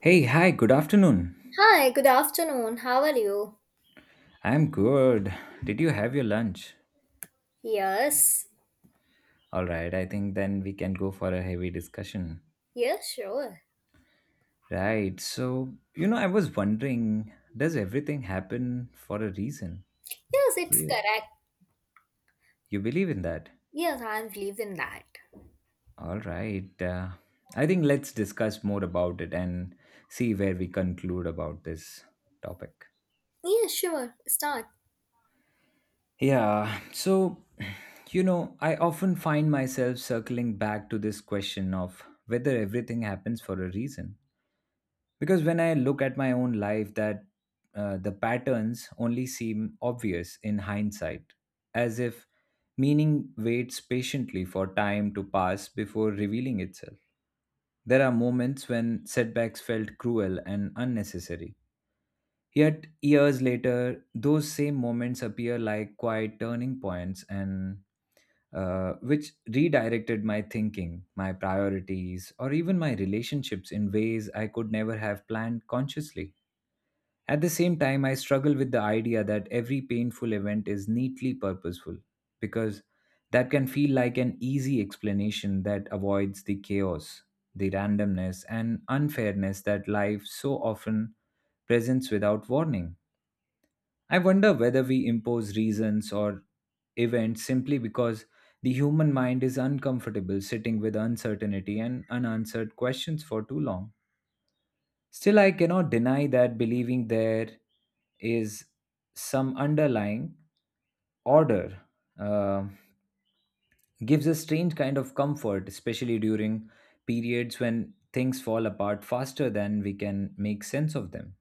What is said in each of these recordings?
Hey, hi, good afternoon. Hi, good afternoon. How are you? I'm good. Did you have your lunch? Yes. All right, I think then we can go for a heavy discussion. Yes, sure. Right, so, you know, I was wondering, does everything happen for a reason? Yes, it's Weird. correct. You believe in that? Yes, I believe in that. All right. I think let's discuss more about it and see where we conclude about this topic. Yes, sure. Start. Yeah, so, you know, I often find myself circling back to this question of whether everything happens for a reason, because when I look at my own life that the patterns only seem obvious in hindsight, as if meaning waits patiently for time to pass before revealing itself. There are moments when setbacks felt cruel and unnecessary, yet years later those same moments appear like quiet turning points, and which redirected my thinking, my priorities, or even my relationships in ways I could never have planned consciously. At the same time, I struggle with the idea that every painful event is neatly purposeful, because that can feel like an easy explanation that avoids the chaos, the randomness, and unfairness that life so often presents without warning. I wonder whether we impose reasons or events simply because the human mind is uncomfortable sitting with uncertainty and unanswered questions for too long. Still, I cannot deny that believing there is some underlying order uh, gives a strange kind of comfort, especially during periods when things fall apart faster than we can make sense of them.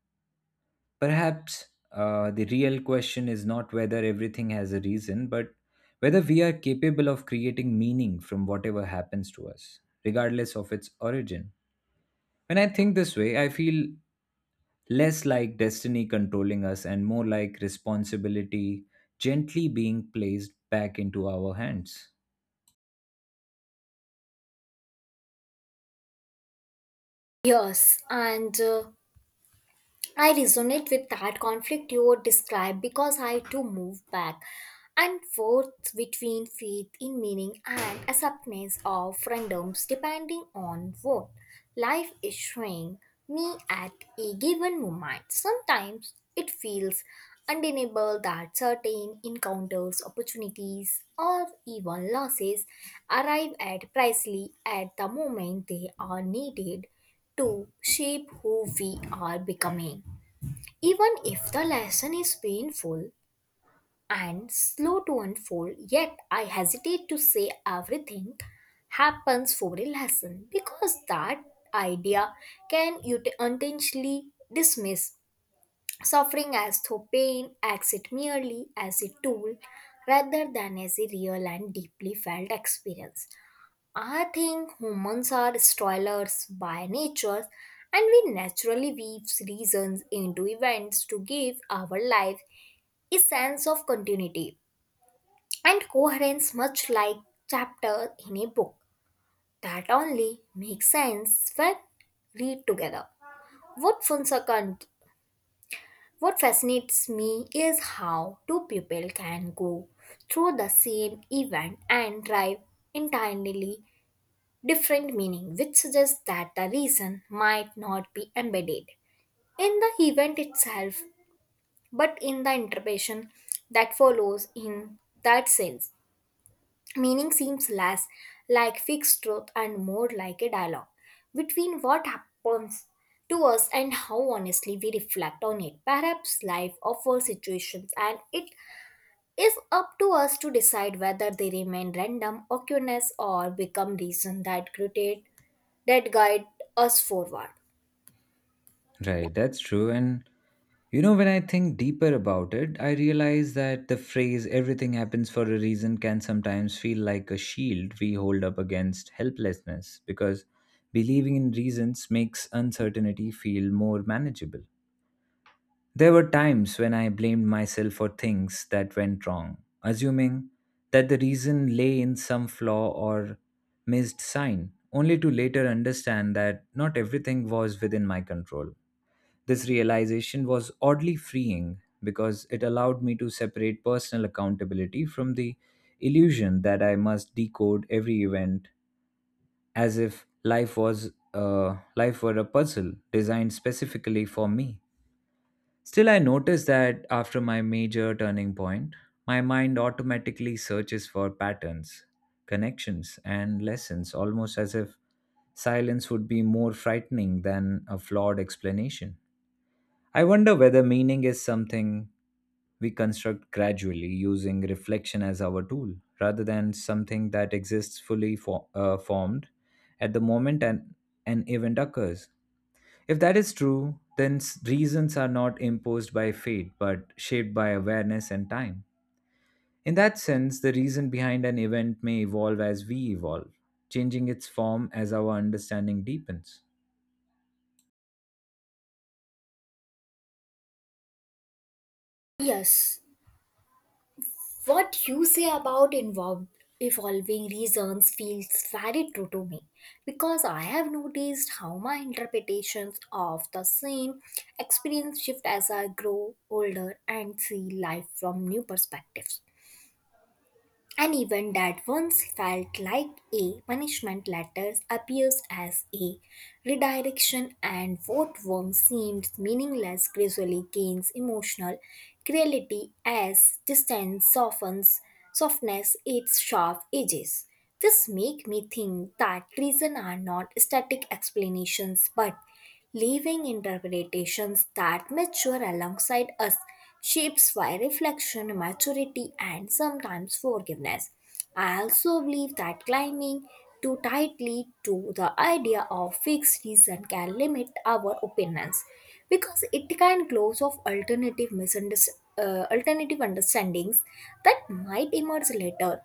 Perhaps the real question is not whether everything has a reason, but whether we are capable of creating meaning from whatever happens to us, regardless of its origin. When I think this way, I feel less like destiny controlling us and more like responsibility gently being placed back into our hands. Yes, and I resonate with that conflict you would describe, because I too move back and forth between faith in meaning and acceptance of randoms, depending on what life is showing me at a given moment. Sometimes it feels undeniable that certain encounters, opportunities, or even losses arrive at precisely at the moment they are needed to shape who we are becoming. Even if the lesson is painful and slow to unfold, yet I hesitate to say everything happens for a lesson, because that idea can intentionally dismiss suffering as though pain acts it merely as a tool rather than as a real and deeply felt experience. I think humans are stoilers by nature, and we naturally weave reasons into events to give our life a sense of continuity and coherence, much like chapter in a book that only makes sense when read together. What Fonsa What fascinates me is how two people can go through the same event and derive entirely different meaning, which suggests that the reason might not be embedded in the event itself, but in the interpretation that follows in that sense. Meaning seems less like fixed truth and more like a dialogue between what happens to us and how honestly we reflect on it. Perhaps life offers situations, and it is up to us to decide whether they remain random occurrence or become reason that create that guide us forward. Right, that's true. And you know, when I think deeper about it, I realize that the phrase "everything happens for a reason" can sometimes feel like a shield we hold up against helplessness, because believing in reasons makes uncertainty feel more manageable. There were times when I blamed myself for things that went wrong, assuming that the reason lay in some flaw or missed sign, only to later understand that not everything was within my control. This realization was oddly freeing because it allowed me to separate personal accountability from the illusion that I must decode every event as if life were a puzzle designed specifically for me. Still, I notice that after my major turning point, my mind automatically searches for patterns, connections, and lessons, almost as if silence would be more frightening than a flawed explanation. I wonder whether meaning is something we construct gradually using reflection as our tool rather than something that exists fully formed at the moment an event occurs. If that is true, then reasons are not imposed by fate but shaped by awareness and time. In that sense, the reason behind an event may evolve as we evolve, changing its form as our understanding deepens. Yes. What you say about involved, evolving reasons feels very true to me, because I have noticed how my interpretations of the same experience shift as I grow older and see life from new perspectives. An event that once felt like a punishment letter appears as a redirection, and what once seemed meaningless gradually gains emotional clarity as distance softens, softness its sharp edges. This make me think that reason are not static explanations but living interpretations that mature alongside us, shapes by reflection, maturity and sometimes forgiveness. I also believe that climbing too tightly to the idea of fixed reason can limit our opinions, because it can close off alternative misunderstandings alternative understandings that might emerge later.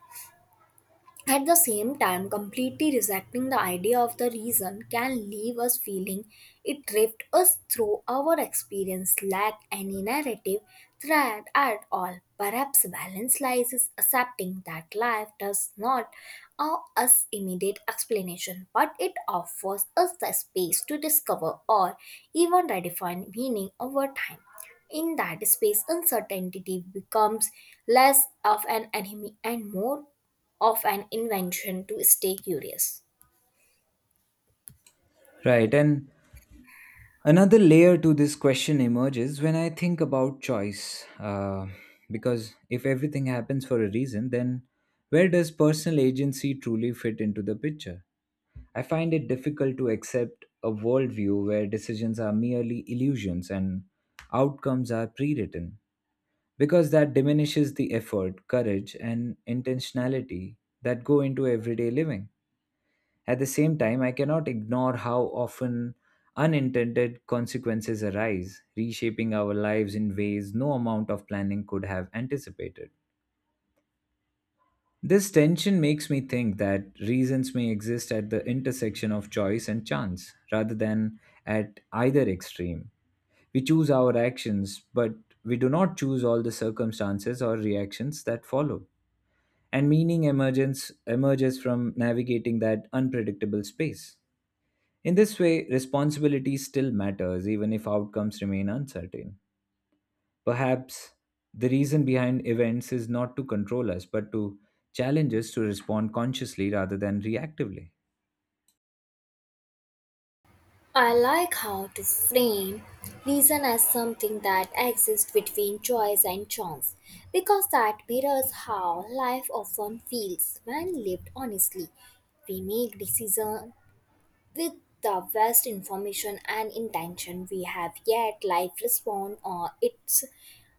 At the same time, completely rejecting the idea of the reason can leave us feeling it drifts us through our experience, lack any narrative thread at all. Perhaps balance lies is accepting that life does not owe us immediate explanation, but it offers us the space to discover or even redefine meaning over time. In that space, uncertainty becomes less of an enemy and more of an invention to stay curious. Right, and another layer to this question emerges when I think about choice. Because if everything happens for a reason, then where does personal agency truly fit into the picture? I find it difficult to accept a worldview where decisions are merely illusions and outcomes are pre written, because that diminishes the effort, courage, and intentionality that go into everyday living. At the same time, I cannot ignore how often unintended consequences arise, reshaping our lives in ways no amount of planning could have anticipated. This tension makes me think that reasons may exist at the intersection of choice and chance rather than at either extreme. We choose our actions, but we do not choose all the circumstances or reactions that follow. And meaning emergence emerges from navigating that unpredictable space. In this way, responsibility still matters even if outcomes remain uncertain. Perhaps the reason behind events is not to control us, but to challenge us to respond consciously rather than reactively. I like how to frame reason as something that exists between choice and chance, because that mirrors how life often feels when lived honestly. We make decisions with the vast information and intention we have, yet life responds on its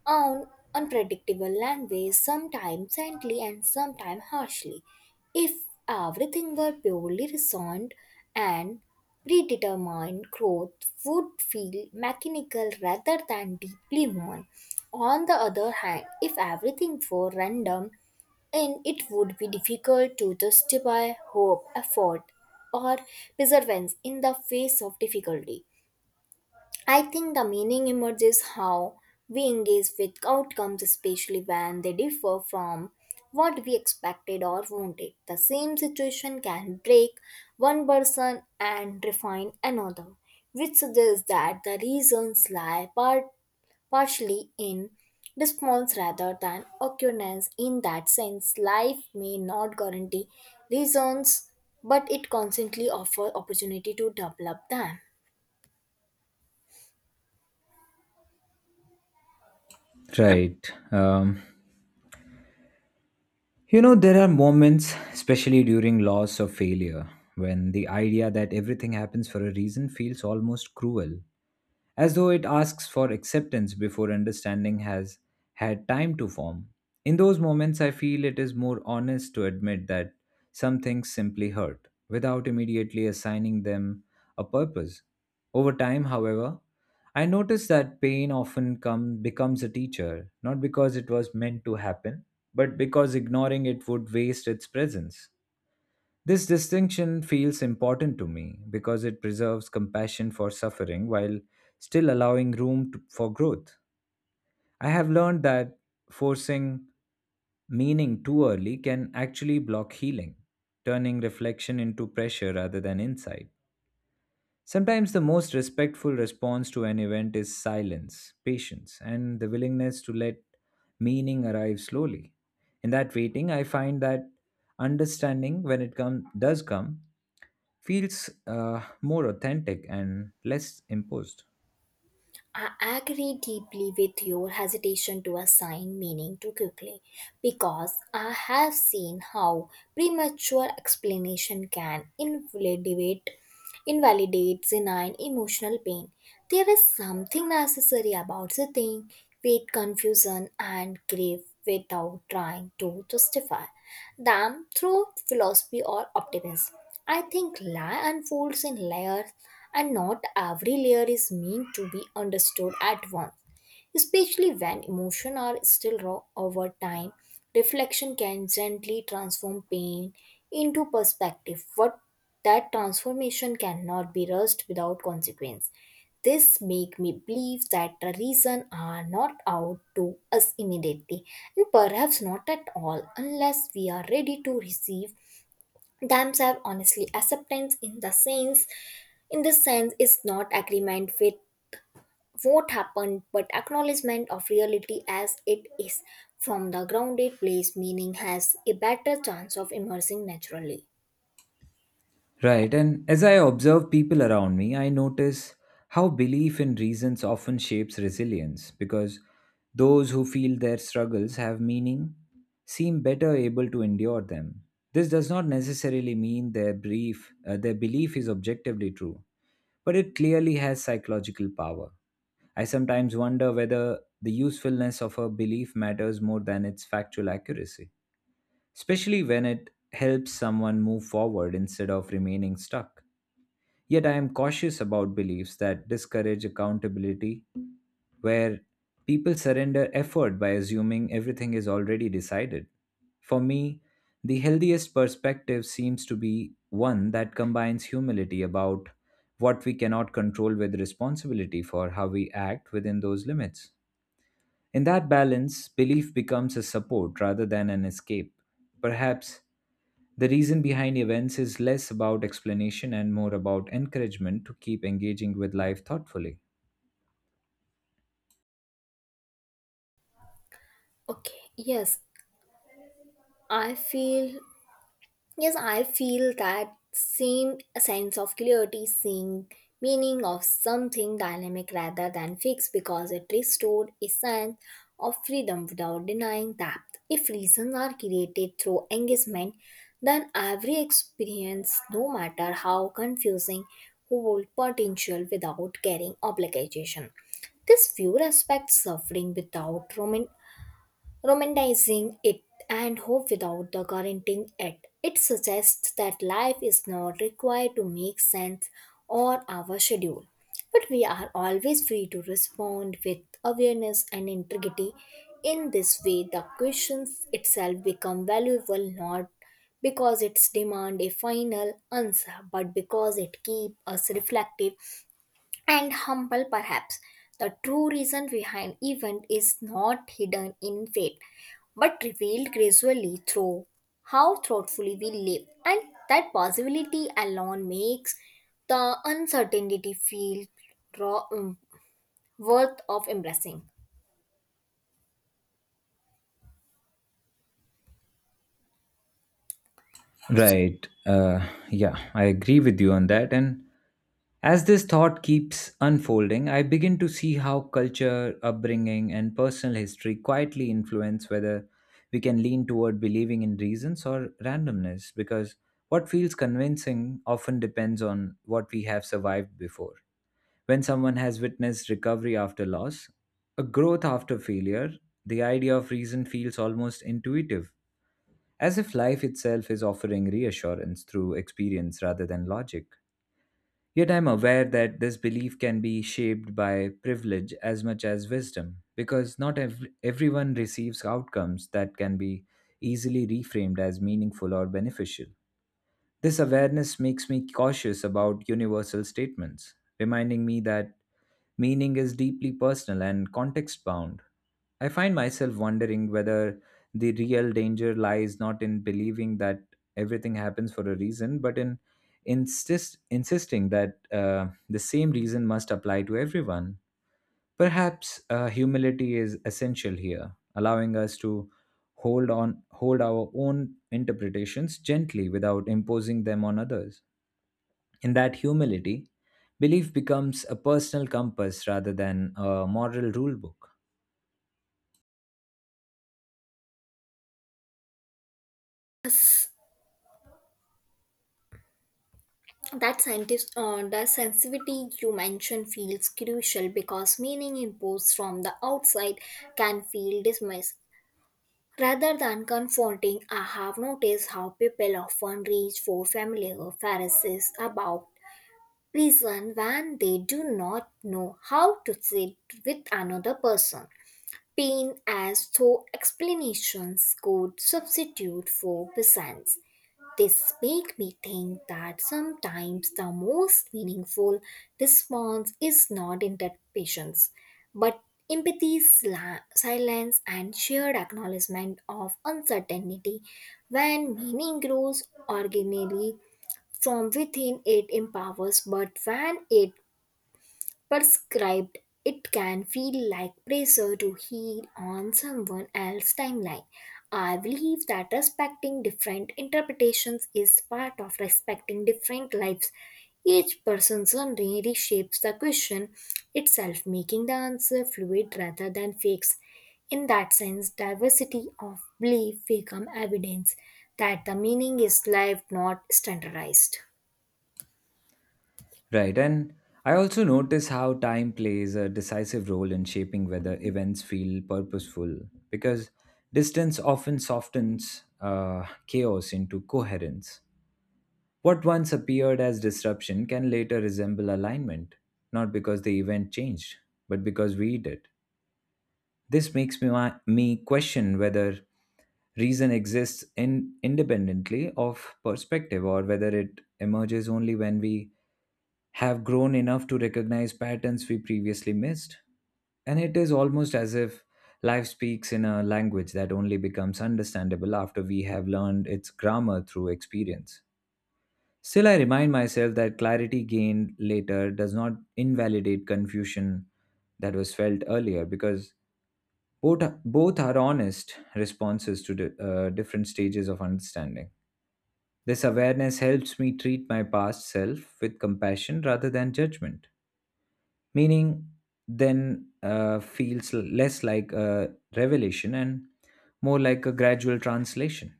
own unpredictable language, sometimes gently and sometimes harshly. If everything were purely reasoned and predetermined, growth would feel mechanical rather than deeply human. On the other hand, if everything were random, and it would be difficult to justify hope, effort, or perseverance in the face of difficulty. I think the meaning emerges how we engage with outcomes, especially when they differ from what we expected or wanted. The same situation can break one person and refine another, which suggests that the reasons lie partially in response rather than occurrence. In that sense, life may not guarantee reasons, but it constantly offers opportunity to develop them. Right. You know, there are moments, especially during loss or failure, when the idea that everything happens for a reason feels almost cruel, as though it asks for acceptance before understanding has had time to form. In those moments, I feel it is more honest to admit that some things simply hurt without immediately assigning them a purpose. Over time, however, I notice that pain often becomes a teacher, not because it was meant to happen, but because ignoring it would waste its presence. This distinction feels important to me because it preserves compassion for suffering while still allowing for growth. I have learned that forcing meaning too early can actually block healing, turning reflection into pressure rather than insight. Sometimes the most respectful response to an event is silence, patience, and the willingness to let meaning arrive slowly. In that waiting, I find that understanding, when it does come, feels more authentic and less imposed. I agree deeply with your hesitation to assign meaning too quickly, because I have seen how premature explanation can invalidates and emotional pain. There is something necessary about the thing, with confusion and grief, without trying to justify them through philosophy or optimism. I think lie unfolds in layers, and not every layer is meant to be understood at once, especially when emotions are still raw over time. Reflection can gently transform pain into perspective, but that transformation cannot be rushed without consequence. This make me believe that the reason are not out to us immediately, and perhaps not at all, unless we are ready to receive themselves honestly. Acceptance in the sense In this sense is not agreement with what happened but acknowledgement of reality as it is. From the grounded place meaning has a better chance of emerging naturally. Right, and as I observe people around me, I notice how belief in reasons often shapes resilience because those who feel their struggles have meaning seem better able to endure them. This does not necessarily mean their brief their belief is objectively true, but it clearly has psychological power. I sometimes wonder whether the usefulness of a belief matters more than its factual accuracy, especially when it helps someone move forward instead of remaining stuck. Yet I am cautious about beliefs that discourage accountability, where people surrender effort by assuming everything is already decided. For me, the healthiest perspective seems to be one that combines humility about what we cannot control with responsibility for how we act within those limits. In that balance, belief becomes a support rather than an escape. Perhaps the reason behind events is less about explanation and more about encouragement to keep engaging with life thoughtfully. okay yes i feel Yes, I feel that same sense of clarity, seeing meaning of something dynamic rather than fixed, because it restored a sense of freedom without denying that if reasons are created through engagement, then every experience, no matter how confusing, hold potential without carrying obligation. This view respects suffering without romanticizing it, and hope without the guaranteeing it. It suggests that life is not required to make sense or our schedule, but we are always free to respond with awareness and integrity. In this way, the questions itself become valuable, not because it's demand a final answer, but because it keeps us reflective and humble. Perhaps the true reason behind event is not hidden in fate but revealed gradually through how thoughtfully we live, and that possibility alone makes the uncertainty feel raw, worth of embracing. Right. Yeah, I agree with you on that. And as this thought keeps unfolding, I begin to see how culture, upbringing, and personal history quietly influence whether we can lean toward believing in reasons or randomness, because what feels convincing often depends on what we have survived before. When someone has witnessed recovery after loss, a growth after failure, the idea of reason feels almost intuitive, as if life itself is offering reassurance through experience rather than logic. Yet I'm aware that this belief can be shaped by privilege as much as wisdom, because not everyone receives outcomes that can be easily reframed as meaningful or beneficial. This awareness makes me cautious about universal statements, reminding me that meaning is deeply personal and context bound. I find myself wondering whether the real danger lies not in believing that everything happens for a reason, but in insisting that the same reason must apply to everyone. Perhaps humility is essential here, allowing us to hold our own interpretations gently without imposing them on others. In that humility, belief becomes a personal compass rather than a moral rule book. Yes, that scientist the sensitivity you mentioned feels crucial, because meaning imposed from the outside can feel dismissed rather than confronting. I have noticed how people often reach for familiar phrases about reason when they do not know how to sit with another person. Pain as though explanations could substitute for presence. This make me think that sometimes the most meaningful response is not interpretation, but empathy, silence, and shared acknowledgement of uncertainty. When meaning grows organically from within, it empowers, but when it prescribed, it can feel like pressure to heal on someone else's timeline. I believe that respecting different interpretations is part of respecting different lives. Each person's journey reshapes the question itself, making the answer fluid rather than fixed. In that sense, diversity of belief become evidence that the meaning is lived, not standardized. Right, and I also notice how time plays a decisive role in shaping whether events feel purposeful because distance often softens chaos into coherence. What once appeared as disruption can later resemble alignment, not because the event changed, but because we did. This makes me question whether reason exists independently of perspective, or whether it emerges only when we have grown enough to recognize patterns we previously missed. And it is almost as if life speaks in a language that only becomes understandable after we have learned its grammar through experience. Still, I remind myself that clarity gained later does not invalidate confusion that was felt earlier, because both are honest responses to different stages of understanding. This awareness helps me treat my past self with compassion rather than judgment. Meaning, then, feels less like a revelation and more like a gradual translation.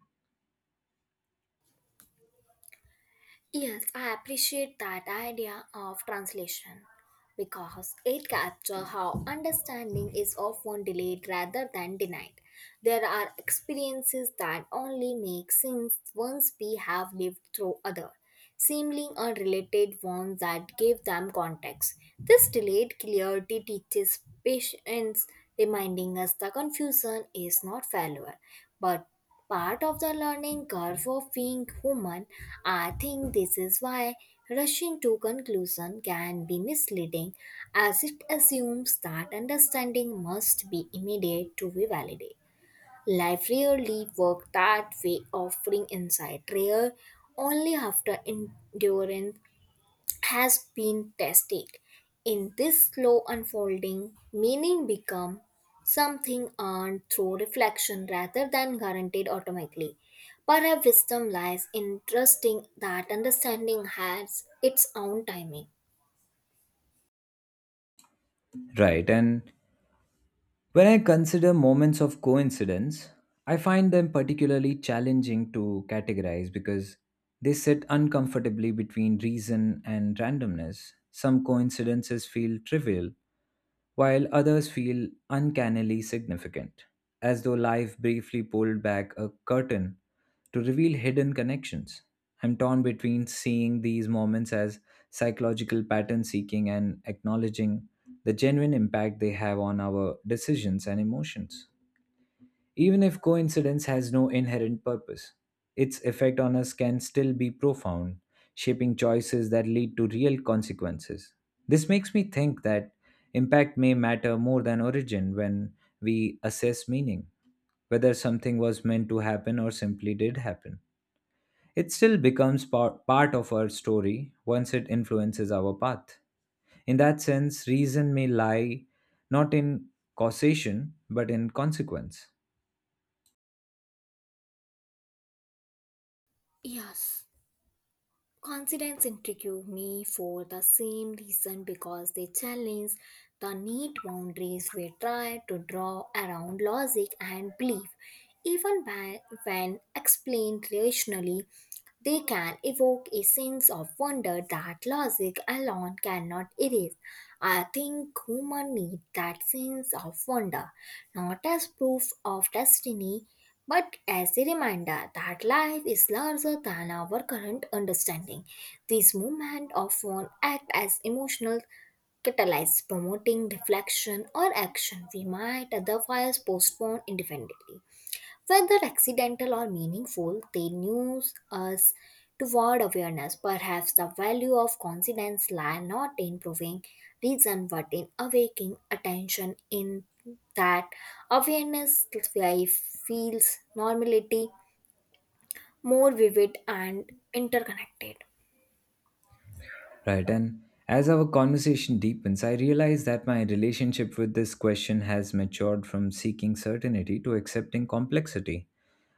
Yes, I appreciate that idea of translation, because it captures how understanding is often delayed rather than denied. There are experiences that only make sense once we have lived through other, seemingly unrelated ones that give them context. This delayed clarity teaches patience, reminding us the confusion is not failure, but part of the learning curve of being human. I think this is why rushing to conclusion can be misleading, as it assumes that understanding must be immediate to be validate. Life rarely works that way, offering insight rare only after enduring has been tested. In this slow unfolding, meaning become something earned through reflection rather than guaranteed automatically. But our wisdom lies in trusting that understanding has its own timing. Right. And when I consider moments of coincidence, I find them particularly challenging to categorize because they sit uncomfortably between reason and randomness. Some coincidences feel trivial, while others feel uncannily significant, as though life briefly pulled back a curtain to reveal hidden connections. I'm torn between seeing these moments as psychological pattern seeking and acknowledging the genuine impact they have on our decisions and emotions. Even if coincidence has no inherent purpose, its effect on us can still be profound, shaping choices that lead to real consequences. This makes me think that impact may matter more than origin. When we assess meaning, whether something was meant to happen or simply did happen, it still becomes part of our story once it influences our path. In that sense, reason may lie not in causation but in consequence. Yes. Confidence intrigue me for the same reason, because they challenge the neat boundaries we try to draw around logic and belief. Even by, when explained rationally, they can evoke a sense of wonder that logic alone cannot erase. I think humans need that sense of wonder, not as proof of destiny, but as a reminder that life is larger than our current understanding. These movements often act as emotional catalysts, promoting reflection or action we might otherwise postpone indefinitely. Whether accidental or meaningful, they nudge us toward awareness. Perhaps the value of coincidence lie not in proving reason but in awakening attention. In that awareness life feels normality more vivid and interconnected. Right, and as our conversation deepens, I realize that my relationship with this question has matured from seeking certainty to accepting complexity.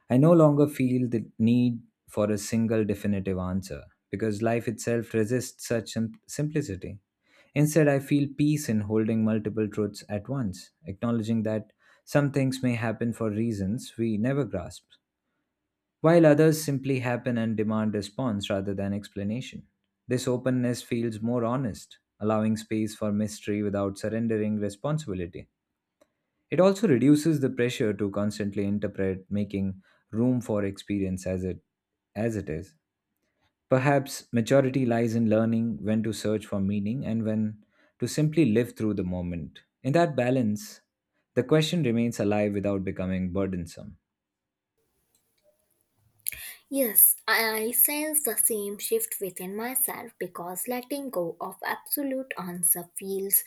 I no longer feel the need for a single definitive answer because life itself resists such simplicity. Instead, I feel peace in holding multiple truths at once, acknowledging that some things may happen for reasons we never grasp, while others simply happen and demand response rather than explanation. This openness feels more honest, allowing space for mystery without surrendering responsibility. It also reduces the pressure to constantly interpret, making room for experience as it is. Perhaps maturity lies in learning when to search for meaning and when to simply live through the moment. In that balance, the question remains alive without becoming burdensome. Yes, I sense the same shift within myself, because letting go of absolute answer feels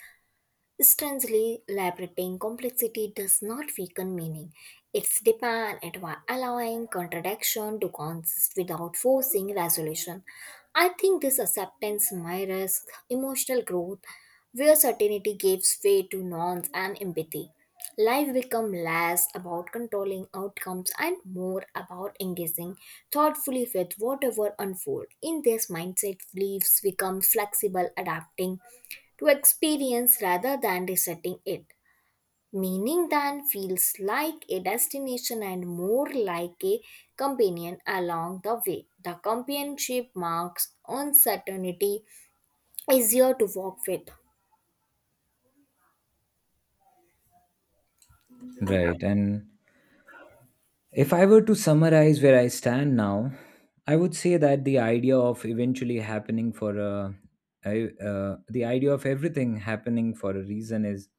strangely liberating. Complexity does not weaken meaning. It's deepen it while allowing contradiction to consist without forcing resolution. I think this acceptance mirrors emotional growth, where certainty gives way to norms and empathy. Life becomes less about controlling outcomes and more about engaging thoughtfully with whatever unfolds. In this mindset, beliefs become flexible, adapting to experience rather than resetting it. Meaning than feels like a destination and more like a companion along the way. The companionship marks uncertainty easier to walk with. Right, and if I were to summarize where I stand now, I would say that the idea of eventually happening for a, I- the idea of everything happening for a reason is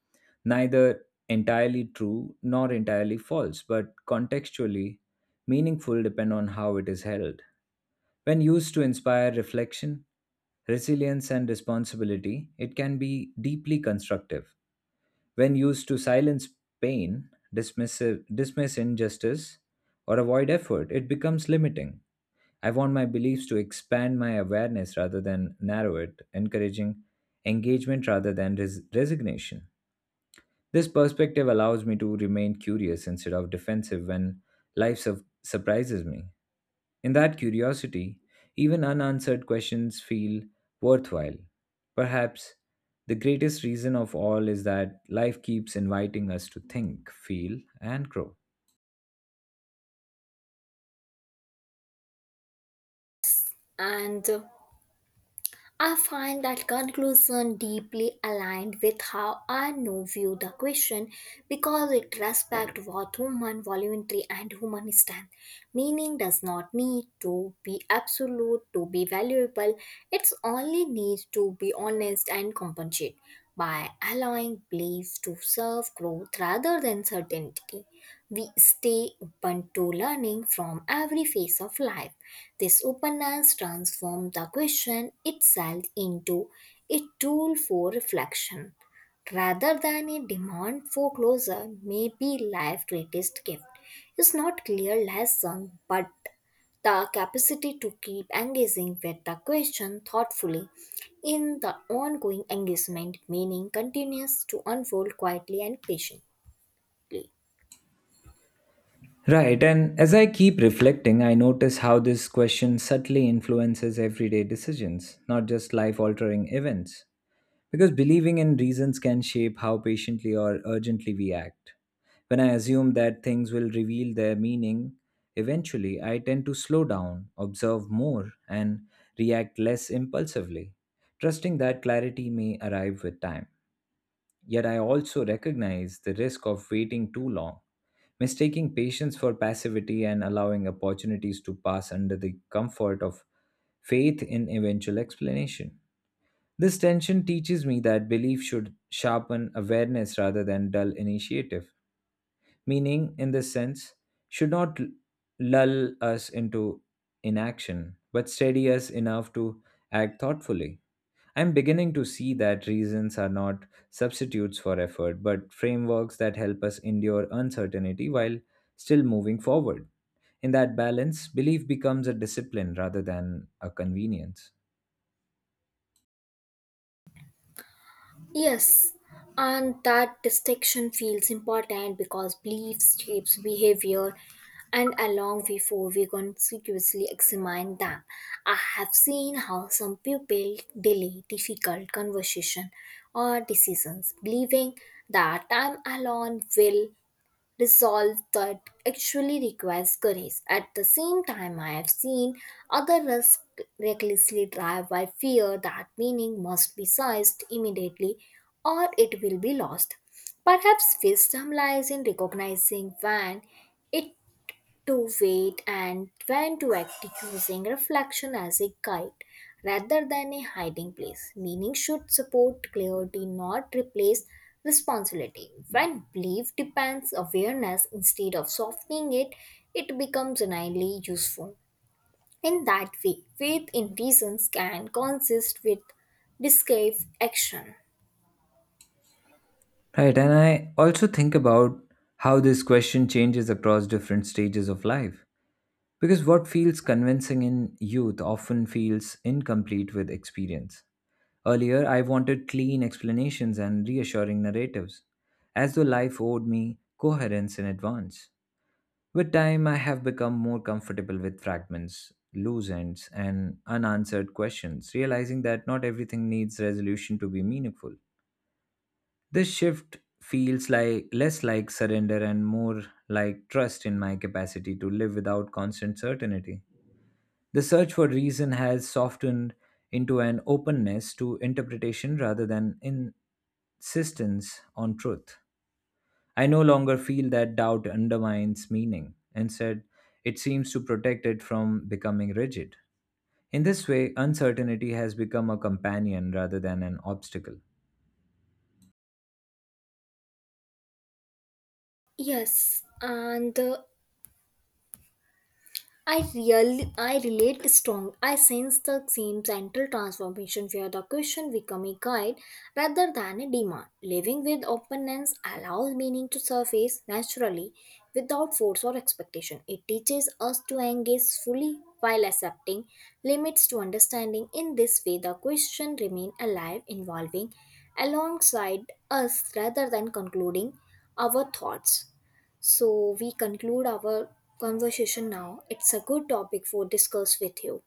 neither entirely true nor entirely false, but contextually meaningful depend on how it is held. When used to inspire reflection, resilience, and responsibility, it can be deeply constructive. When used to silence pain, dismiss injustice, or avoid effort, it becomes limiting. I want my beliefs to expand my awareness rather than narrow it, encouraging engagement rather than resignation. This perspective allows me to remain curious instead of defensive when life surprises me. In that curiosity, even unanswered questions feel worthwhile. Perhaps the greatest reason of all is that life keeps inviting us to think, feel, and grow. And I find that conclusion deeply aligned with how I now view the question, because it respects what human voluntary and human strength. Meaning does not need to be absolute to be valuable, it only needs to be honest and compensate by allowing belief to serve growth rather than certainty. We stay open to learning from every phase of life. This openness transforms the question itself into a tool for reflection. Rather than a demand for closure, maybe life's greatest gift is not clear lesson but the capacity to keep engaging with the question thoughtfully. In the ongoing engagement, meaning continues to unfold quietly and patiently. Right, and as I keep reflecting, I notice how this question subtly influences everyday decisions, not just life altering events. Because believing in reasons can shape how patiently or urgently we act. When I assume that things will reveal their meaning, eventually I tend to slow down, observe more, and react less impulsively, trusting that clarity may arrive with time. Yet I also recognize the risk of waiting too long, mistaking patience for passivity and allowing opportunities to pass under the comfort of faith in eventual explanation. This tension teaches me that belief should sharpen awareness rather than dull initiative. Meaning, in this sense, should not l- lull us into inaction, but steady us enough to act thoughtfully. I'm beginning to see that reasons are not substitutes for effort, but frameworks that help us endure uncertainty while still moving forward. In that balance, belief becomes a discipline rather than a convenience. Yes, and that distinction feels important, because beliefs shapes behavior and along before we consciously examine them. I have seen how some people delay difficult conversation or decisions, believing that time alone will resolve that actually requires courage. At the same time, I have seen other risk recklessly drive by fear that meaning must be seized immediately or it will be lost. Perhaps wisdom lies in recognizing when it to wait and when to act, using reflection as a guide rather than a hiding place. Meaning should support clarity, not replace responsibility. When belief depends awareness instead of softening it, it becomes genuinely useful. In that way, faith in reasons can consist with discrete action. Right, and I also think about how this question changes across different stages of life. Because what feels convincing in youth often feels incomplete with experience. Earlier, I wanted clean explanations and reassuring narratives, as though life owed me coherence in advance. With time, I have become more comfortable with fragments, loose ends, and unanswered questions, realizing that not everything needs resolution to be meaningful. This shift feels like less like surrender and more like trust in my capacity to live without constant certainty. The search for reason has softened into an openness to interpretation rather than insistence on truth. I no longer feel that doubt undermines meaning. Instead, it seems to protect it from becoming rigid. In this way, uncertainty has become a companion rather than an obstacle. Yes, and I really I relate strong. I sense the same central transformation where the question become a guide rather than a demand. Living with openness allows meaning to surface naturally without force or expectation. It teaches us to engage fully while accepting limits to understanding. In this way the question remain alive, evolving alongside us rather than concluding our thoughts. So we conclude our conversation now. It's a good topic for discuss with you.